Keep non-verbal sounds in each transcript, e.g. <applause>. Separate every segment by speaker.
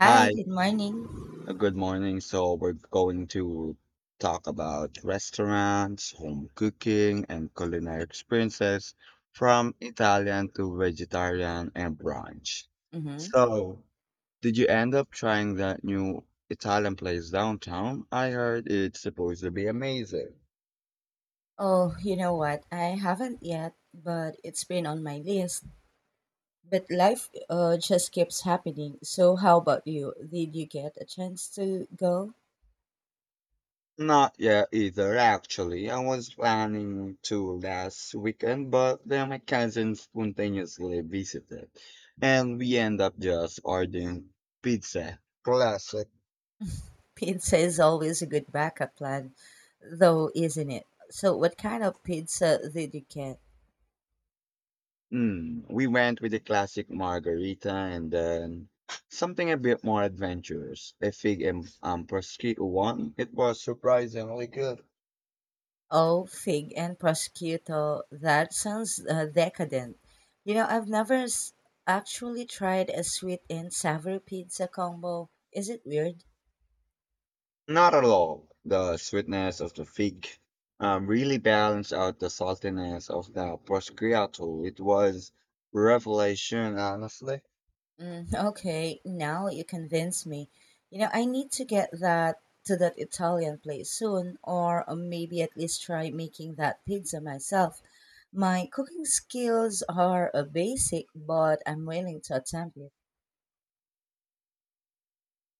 Speaker 1: Hi,
Speaker 2: Hi,
Speaker 1: good morning.
Speaker 2: good morning. So we're going to talk about restaurants, home cooking, and culinary experiences from Italian to vegetarian and brunch.
Speaker 1: Mm-hmm.
Speaker 2: So, did you end up trying that new Italian place downtown? I heard it's supposed to be amazing.
Speaker 1: Oh, you know what? I haven't yet, but it's been on my list. But life just keeps happening. So, how about you? Did you get a chance to go?
Speaker 2: Not yet either, actually. I was planning to last weekend, but then my cousin spontaneously visited, and we end up just ordering pizza. Classic.
Speaker 1: <laughs> Pizza is always a good backup plan, though, isn't it? So, what kind of pizza did you get?
Speaker 2: Mm, we went with the classic margarita and then something a bit more adventurous. A fig and prosciutto one. It was surprisingly good.
Speaker 1: Oh, fig and prosciutto. That sounds decadent. You know, I've never s- actually tried a sweet and savory pizza combo. Is it weird?
Speaker 2: Not at all. The sweetness of the fig really balanced out the saltiness of the prosciutto. It was revelation, honestly.
Speaker 1: Mm, okay, now you convince me. You know, I need to get that to that Italian place soon, or maybe at least try making that pizza myself. My cooking skills are basic, but I'm willing to attempt it.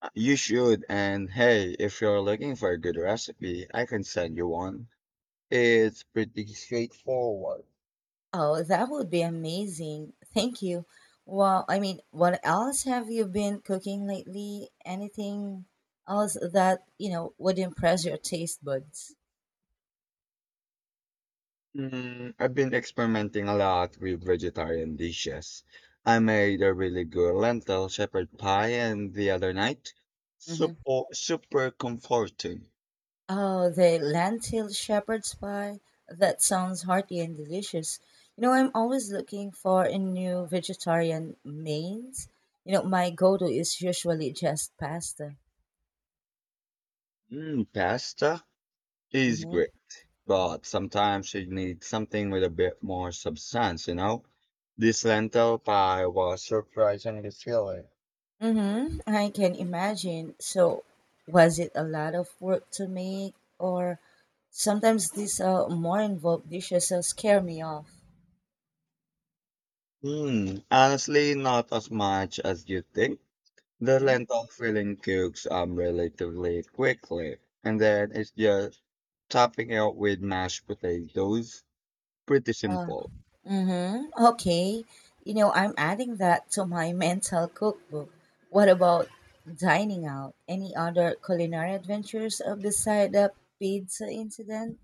Speaker 2: You should, and hey, if you're looking for a good recipe, I can send you one. It's pretty straightforward.
Speaker 1: Oh, that would be amazing. Thank you. Well, I mean, what else have you been cooking lately? Anything else that would impress your taste buds?
Speaker 2: Mm, I've been experimenting a lot with vegetarian dishes. I made a really good lentil shepherd pie and the other night.
Speaker 1: Mm-hmm.
Speaker 2: Super, super comforting.
Speaker 1: Oh, the lentil shepherd's pie. That sounds hearty and delicious. You know, I'm always looking for a new vegetarian mains. You know, my go-to is usually just pasta.
Speaker 2: Mm, pasta is
Speaker 1: hmm
Speaker 2: great, but sometimes you need something with a bit more substance, This lentil pie was surprisingly filling.
Speaker 1: Mm-hmm. I can imagine. So, was it a lot of work to make, or sometimes these more involved dishes scare me off?
Speaker 2: Hmm, honestly, not as much as you think. The
Speaker 1: hmm
Speaker 2: lentil filling cooks relatively quickly, and then it's just topping it with mashed potatoes. Pretty simple.
Speaker 1: Mm-hmm. Okay. You know, I'm adding that to my <laughs> mental cookbook. What about dining out? Any other culinary adventures beside the pizza incident?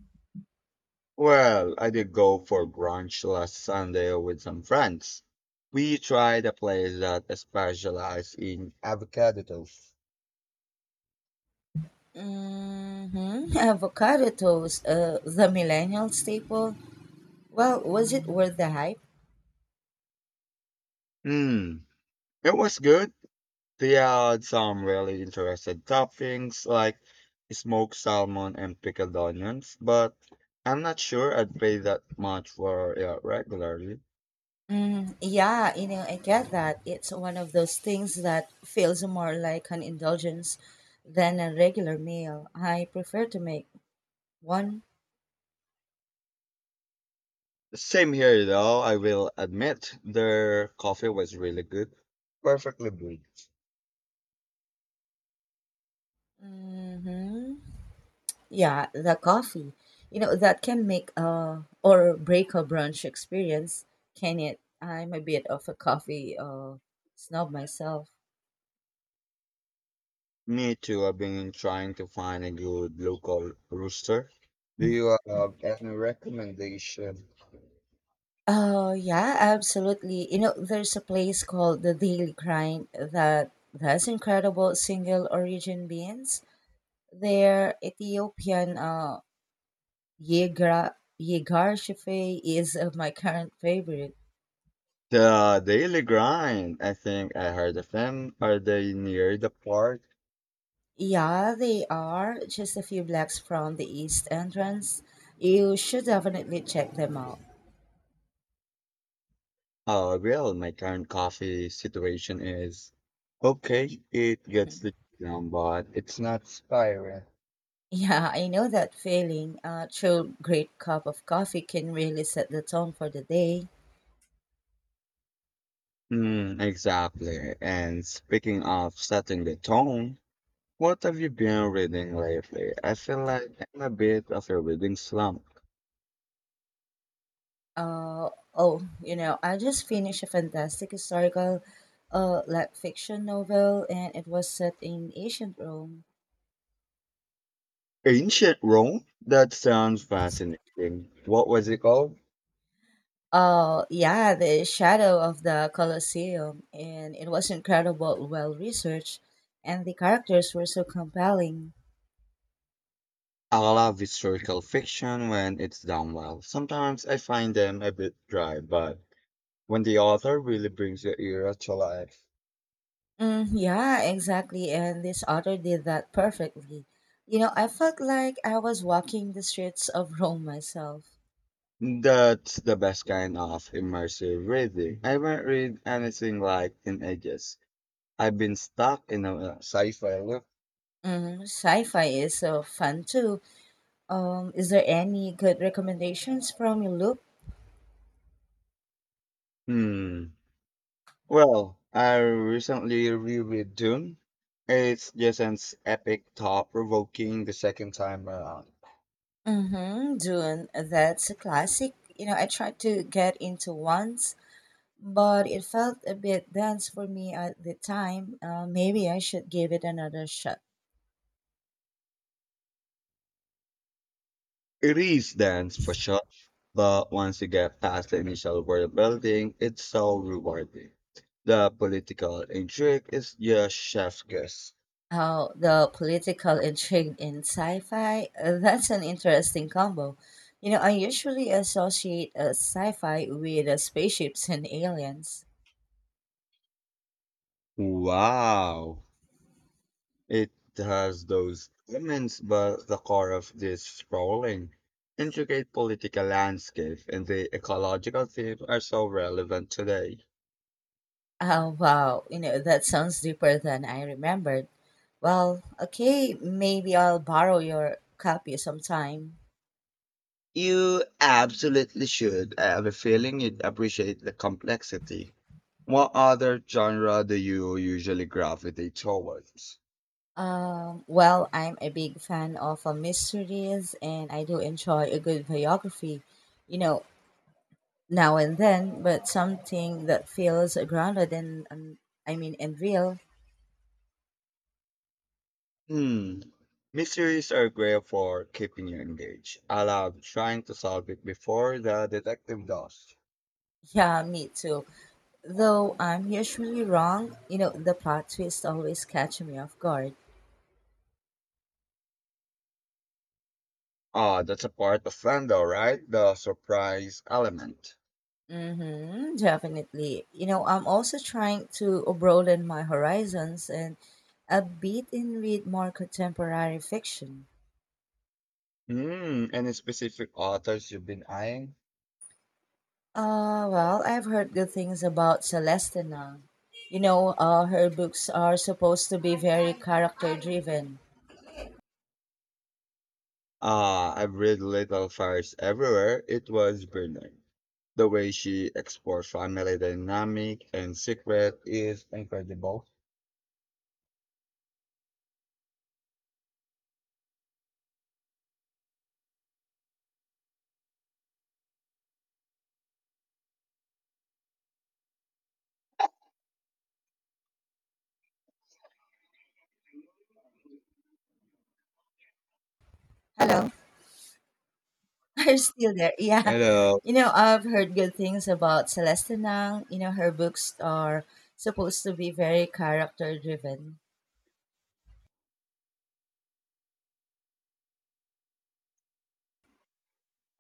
Speaker 2: Well, I did go for brunch last Sunday with some friends. We tried a place that specialized in avocado toast.
Speaker 1: Mm-hmm. <laughs> Avocado toast, the millennial staple. Well, was it worth the hype?
Speaker 2: Mm, it was good. They had some really interesting toppings like smoked salmon and pickled onions, but I'm not sure I'd pay that much for it regularly.
Speaker 1: Mm, yeah, you know, I get that. It's one of those things that feels more like an indulgence than a regular meal. I prefer to make one.
Speaker 2: Same here though, I will admit their coffee was really good. Perfectly brewed.
Speaker 1: Mhm. Yeah, the coffee. You know, that can make or break a brunch experience, can it? I'm a bit of a coffee snob myself.
Speaker 2: Me too. I've been trying to find a good local rooster. Do you have any recommendation?
Speaker 1: Oh, yeah, absolutely. You know, there's a place called the Daily Grind that has incredible single origin beans. Their Ethiopian Yegar Yegar Shafe is my current favorite.
Speaker 2: The Daily Grind. I think I heard of them. Are they near the park?
Speaker 1: Yeah, they are just a few blocks from the east entrance. You should definitely check them out.
Speaker 2: Oh, well, my current coffee situation is okay. It gets
Speaker 1: Mhm.
Speaker 2: the job, but it's not spiral.
Speaker 1: Yeah, I know that feeling. A true great cup of coffee can really set the tone for the day.
Speaker 2: Mm, exactly. And speaking of setting the tone, what have you been reading lately? I feel like I'm a bit of a reading slump.
Speaker 1: Oh, you know, I just finished a fantastic historical fiction novel, and it was set in ancient Rome.
Speaker 2: Ancient Rome? That sounds fascinating. What was it called?
Speaker 1: Oh, yeah, the shadow of the Colosseum, and it was incredible, well researched, and the characters were so compelling.
Speaker 2: I love historical fiction when it's done well. Sometimes I find them a bit dry, but when the author really brings the era to life,
Speaker 1: Mm, yeah, exactly, and this author did that perfectly. You know, I felt like I was walking the streets of <laughs> Rome myself.
Speaker 2: that's the best kind of immersive reading. I haven't read anything like in ages. I've been stuck in a sci-fi loop.
Speaker 1: Mm, sci-fi is so fun too. Is there any good recommendations from you, Luke?
Speaker 2: Hmm. Well, I recently reread Dune. It's just an epic, thought-provoking the second time around.
Speaker 1: Mm-hmm, Dune, that's a classic. You know, I tried to get into once, but it felt a bit dense for me at the time. Maybe I should give it another shot.
Speaker 2: It is dense for sure, but once you get past the initial world building, it's so rewarding. The political intrigue is just chef's kiss.
Speaker 1: How the political intrigue in sci fi, <laughs> that's an interesting combo. You know, I usually associate sci fi with spaceships and aliens.
Speaker 2: Wow! It has those elements, but the core of this sprawling, intricate political landscape and the ecological theme are so relevant today.
Speaker 1: Oh, wow. You know, that sounds deeper than I remembered. Well, okay, maybe I'll borrow your copy sometime.
Speaker 2: You absolutely should. I have a feeling you'd appreciate the complexity. What other genre do you usually gravitate towards?
Speaker 1: Well, I'm a big fan of mysteries, and I do enjoy a good biography, you know, now and then, but something that feels grounded and real.
Speaker 2: Hmm, mysteries are great for keeping you engaged. I love trying to solve it before the detective does.
Speaker 1: Yeah, me too. Though I'm usually wrong, you know, the plot twists always catch me off guard.
Speaker 2: Ah, that's a part of fandom, right? The surprise element.
Speaker 1: Mm-hmm, definitely. You know, I'm also trying to broaden my horizons and a bit in read more contemporary fiction.
Speaker 2: Hmm, any specific authors you've been eyeing?
Speaker 1: Well, I've heard good things about Celestina. You know, her books are supposed to be very character driven.
Speaker 2: Ah, I've read Little Fires Everywhere. It was brilliant. The way she explores family dynamic and secret is incredible.
Speaker 1: Hello, <laughs> are you still there? Yeah,
Speaker 2: And
Speaker 1: you know, I've heard good things about Celestina. You know, her books are supposed to be very character driven.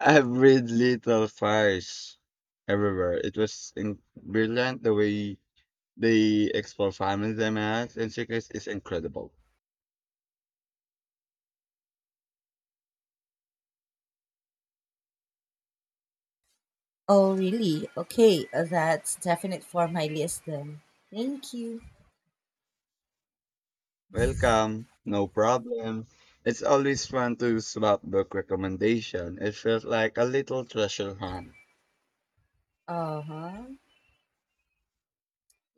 Speaker 2: I read Little Fires Everywhere. It was in brilliant. The way they explore family dynamics and secrets is incredible.
Speaker 1: Oh, really? Okay, that's definite for my list then. Thank you.
Speaker 2: Welcome, no problem. It's always fun to swap book recommendation. It feels like a little treasure hunt.
Speaker 1: Uh huh.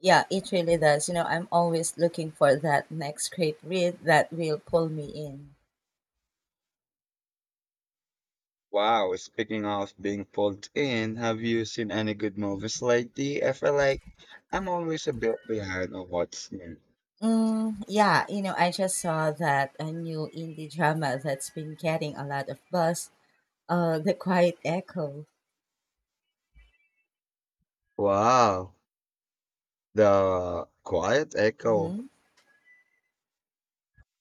Speaker 1: Yeah, it really does. You know, I'm always looking for that next great read that will pull me in.
Speaker 2: Wow, speaking of being pulled in, have you seen any good movies lately? I feel like I'm always a bit behind on what's new.
Speaker 1: Mm, yeah, you know, I just saw that a new indie drama that's been getting a lot of buzz, The Quiet Echo.
Speaker 2: Wow, The Quiet Echo.
Speaker 1: hmm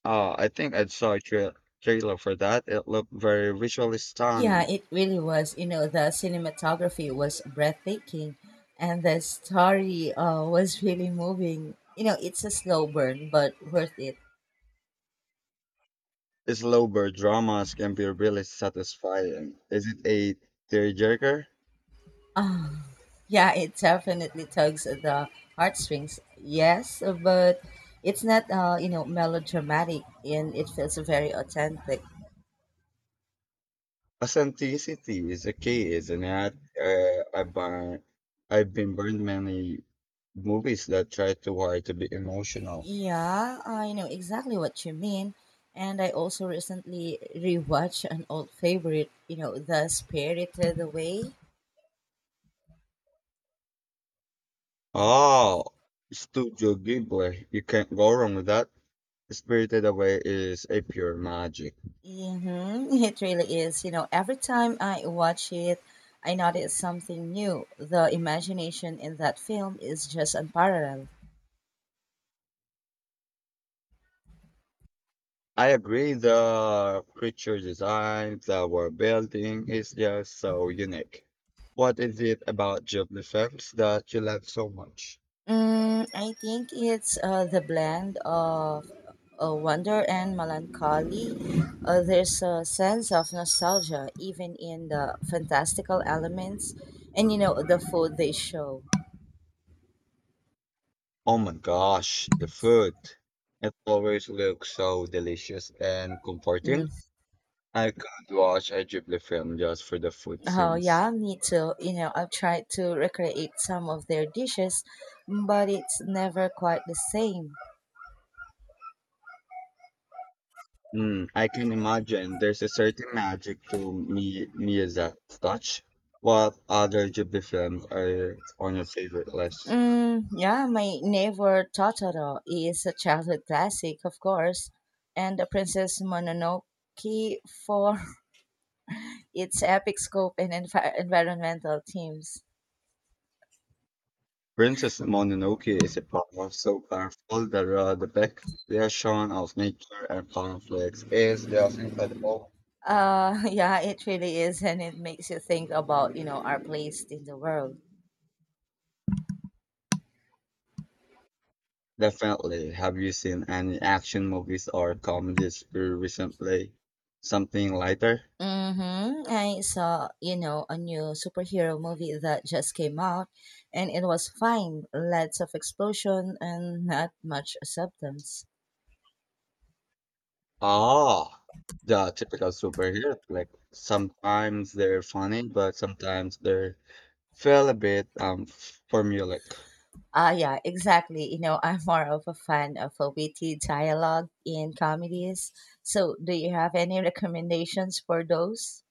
Speaker 2: I think I saw a trailer for that. It looked very visually
Speaker 1: Yeah,
Speaker 2: stunning.
Speaker 1: it really was. You know, the cinematography was breathtaking, and the story was really moving. You know, it's a slow burn, but worth it.
Speaker 2: Its low bird dramas can be really satisfying. Is it a tearjerker?
Speaker 1: Ah, yeah, it definitely tugs at the heartstrings. Yes, but it's not, melodramatic, and it feels very authentic.
Speaker 2: Authenticity is a key, isn't it? I've been burned many Movies that try too hard to be emotional.
Speaker 1: Yeah, I know exactly what you mean. And I also recently rewatched an old favorite, you know, The Spirited Away.
Speaker 2: Oh, Studio Ghibli. You can't go wrong with that. Spirited Away is a pure magic.
Speaker 1: Mm-hmm. <laughs> It really is. You know, every time I watch it, I notice something new. The imagination in that film is just unparalleled.
Speaker 2: I agree. The creature design, the world building is just so unique. What is it about Ghibli films that you love so much?
Speaker 1: Mm, I think it's the blend of wonder and melancholy. There's a sense of nostalgia even in the fantastical elements, and you know the food they show.
Speaker 2: Oh my gosh, the food. It always looks so delicious and
Speaker 1: Mm.
Speaker 2: comforting. I could watch a Ghibli film just for the food
Speaker 1: Oh
Speaker 2: scenes.
Speaker 1: yeah, me too. You know, I've tried to recreate some of their dishes, but it's never quite the same.
Speaker 2: Mm, I can imagine there's a certain magic to Mi Miyazaki's touch. What other Ghibli films are on your favorite list?
Speaker 1: Mm, yeah, my neighbor Totoro is a childhood classic, of course, and the Princess Mononoke for its epic scope and environmental themes.
Speaker 2: Princess Mononoke is a power so powerful that the depiction of nature and conflicts is just incredible.
Speaker 1: <laughs> Yeah, it really is, and it makes you think about you know our place in the world.
Speaker 2: Definitely. Have you seen any action movies or comedies recently? Something lighter?
Speaker 1: Mm-hmm. I saw you know a new superhero movie that just came out, and it was fine. Lots of explosion and not much substance.
Speaker 2: Ah, the typical superhero flick. Sometimes they're funny, but sometimes they're feel a bit formulaic.
Speaker 1: Ah, yeah, exactly. You know, I'm more of a fan of a witty dialogue in comedies. So, do you have any recommendations for those?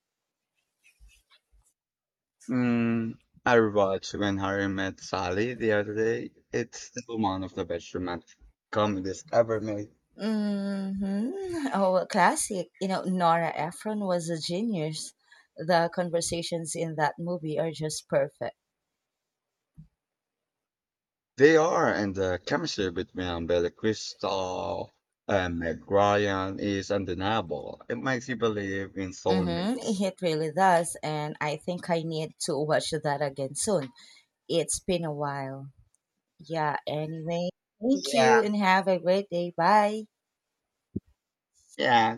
Speaker 2: Mm, I watched When Harry Met Sally the other day. It's still one of the best romantic comedies ever made.
Speaker 1: Mm-hmm. Oh, a classic. You know, Nora Ephron was a genius. The conversations in that movie are just perfect.
Speaker 2: They are, and the chemistry between Billy Crystal and Meg Ryan is undeniable. It makes you believe in
Speaker 1: Mm-hmm.
Speaker 2: soulmates.
Speaker 1: It really does. And I think I need to watch that again soon. It's been a while. Yeah, anyway, thank you
Speaker 2: Yeah,
Speaker 1: and have a great day. Bye.
Speaker 2: yeah,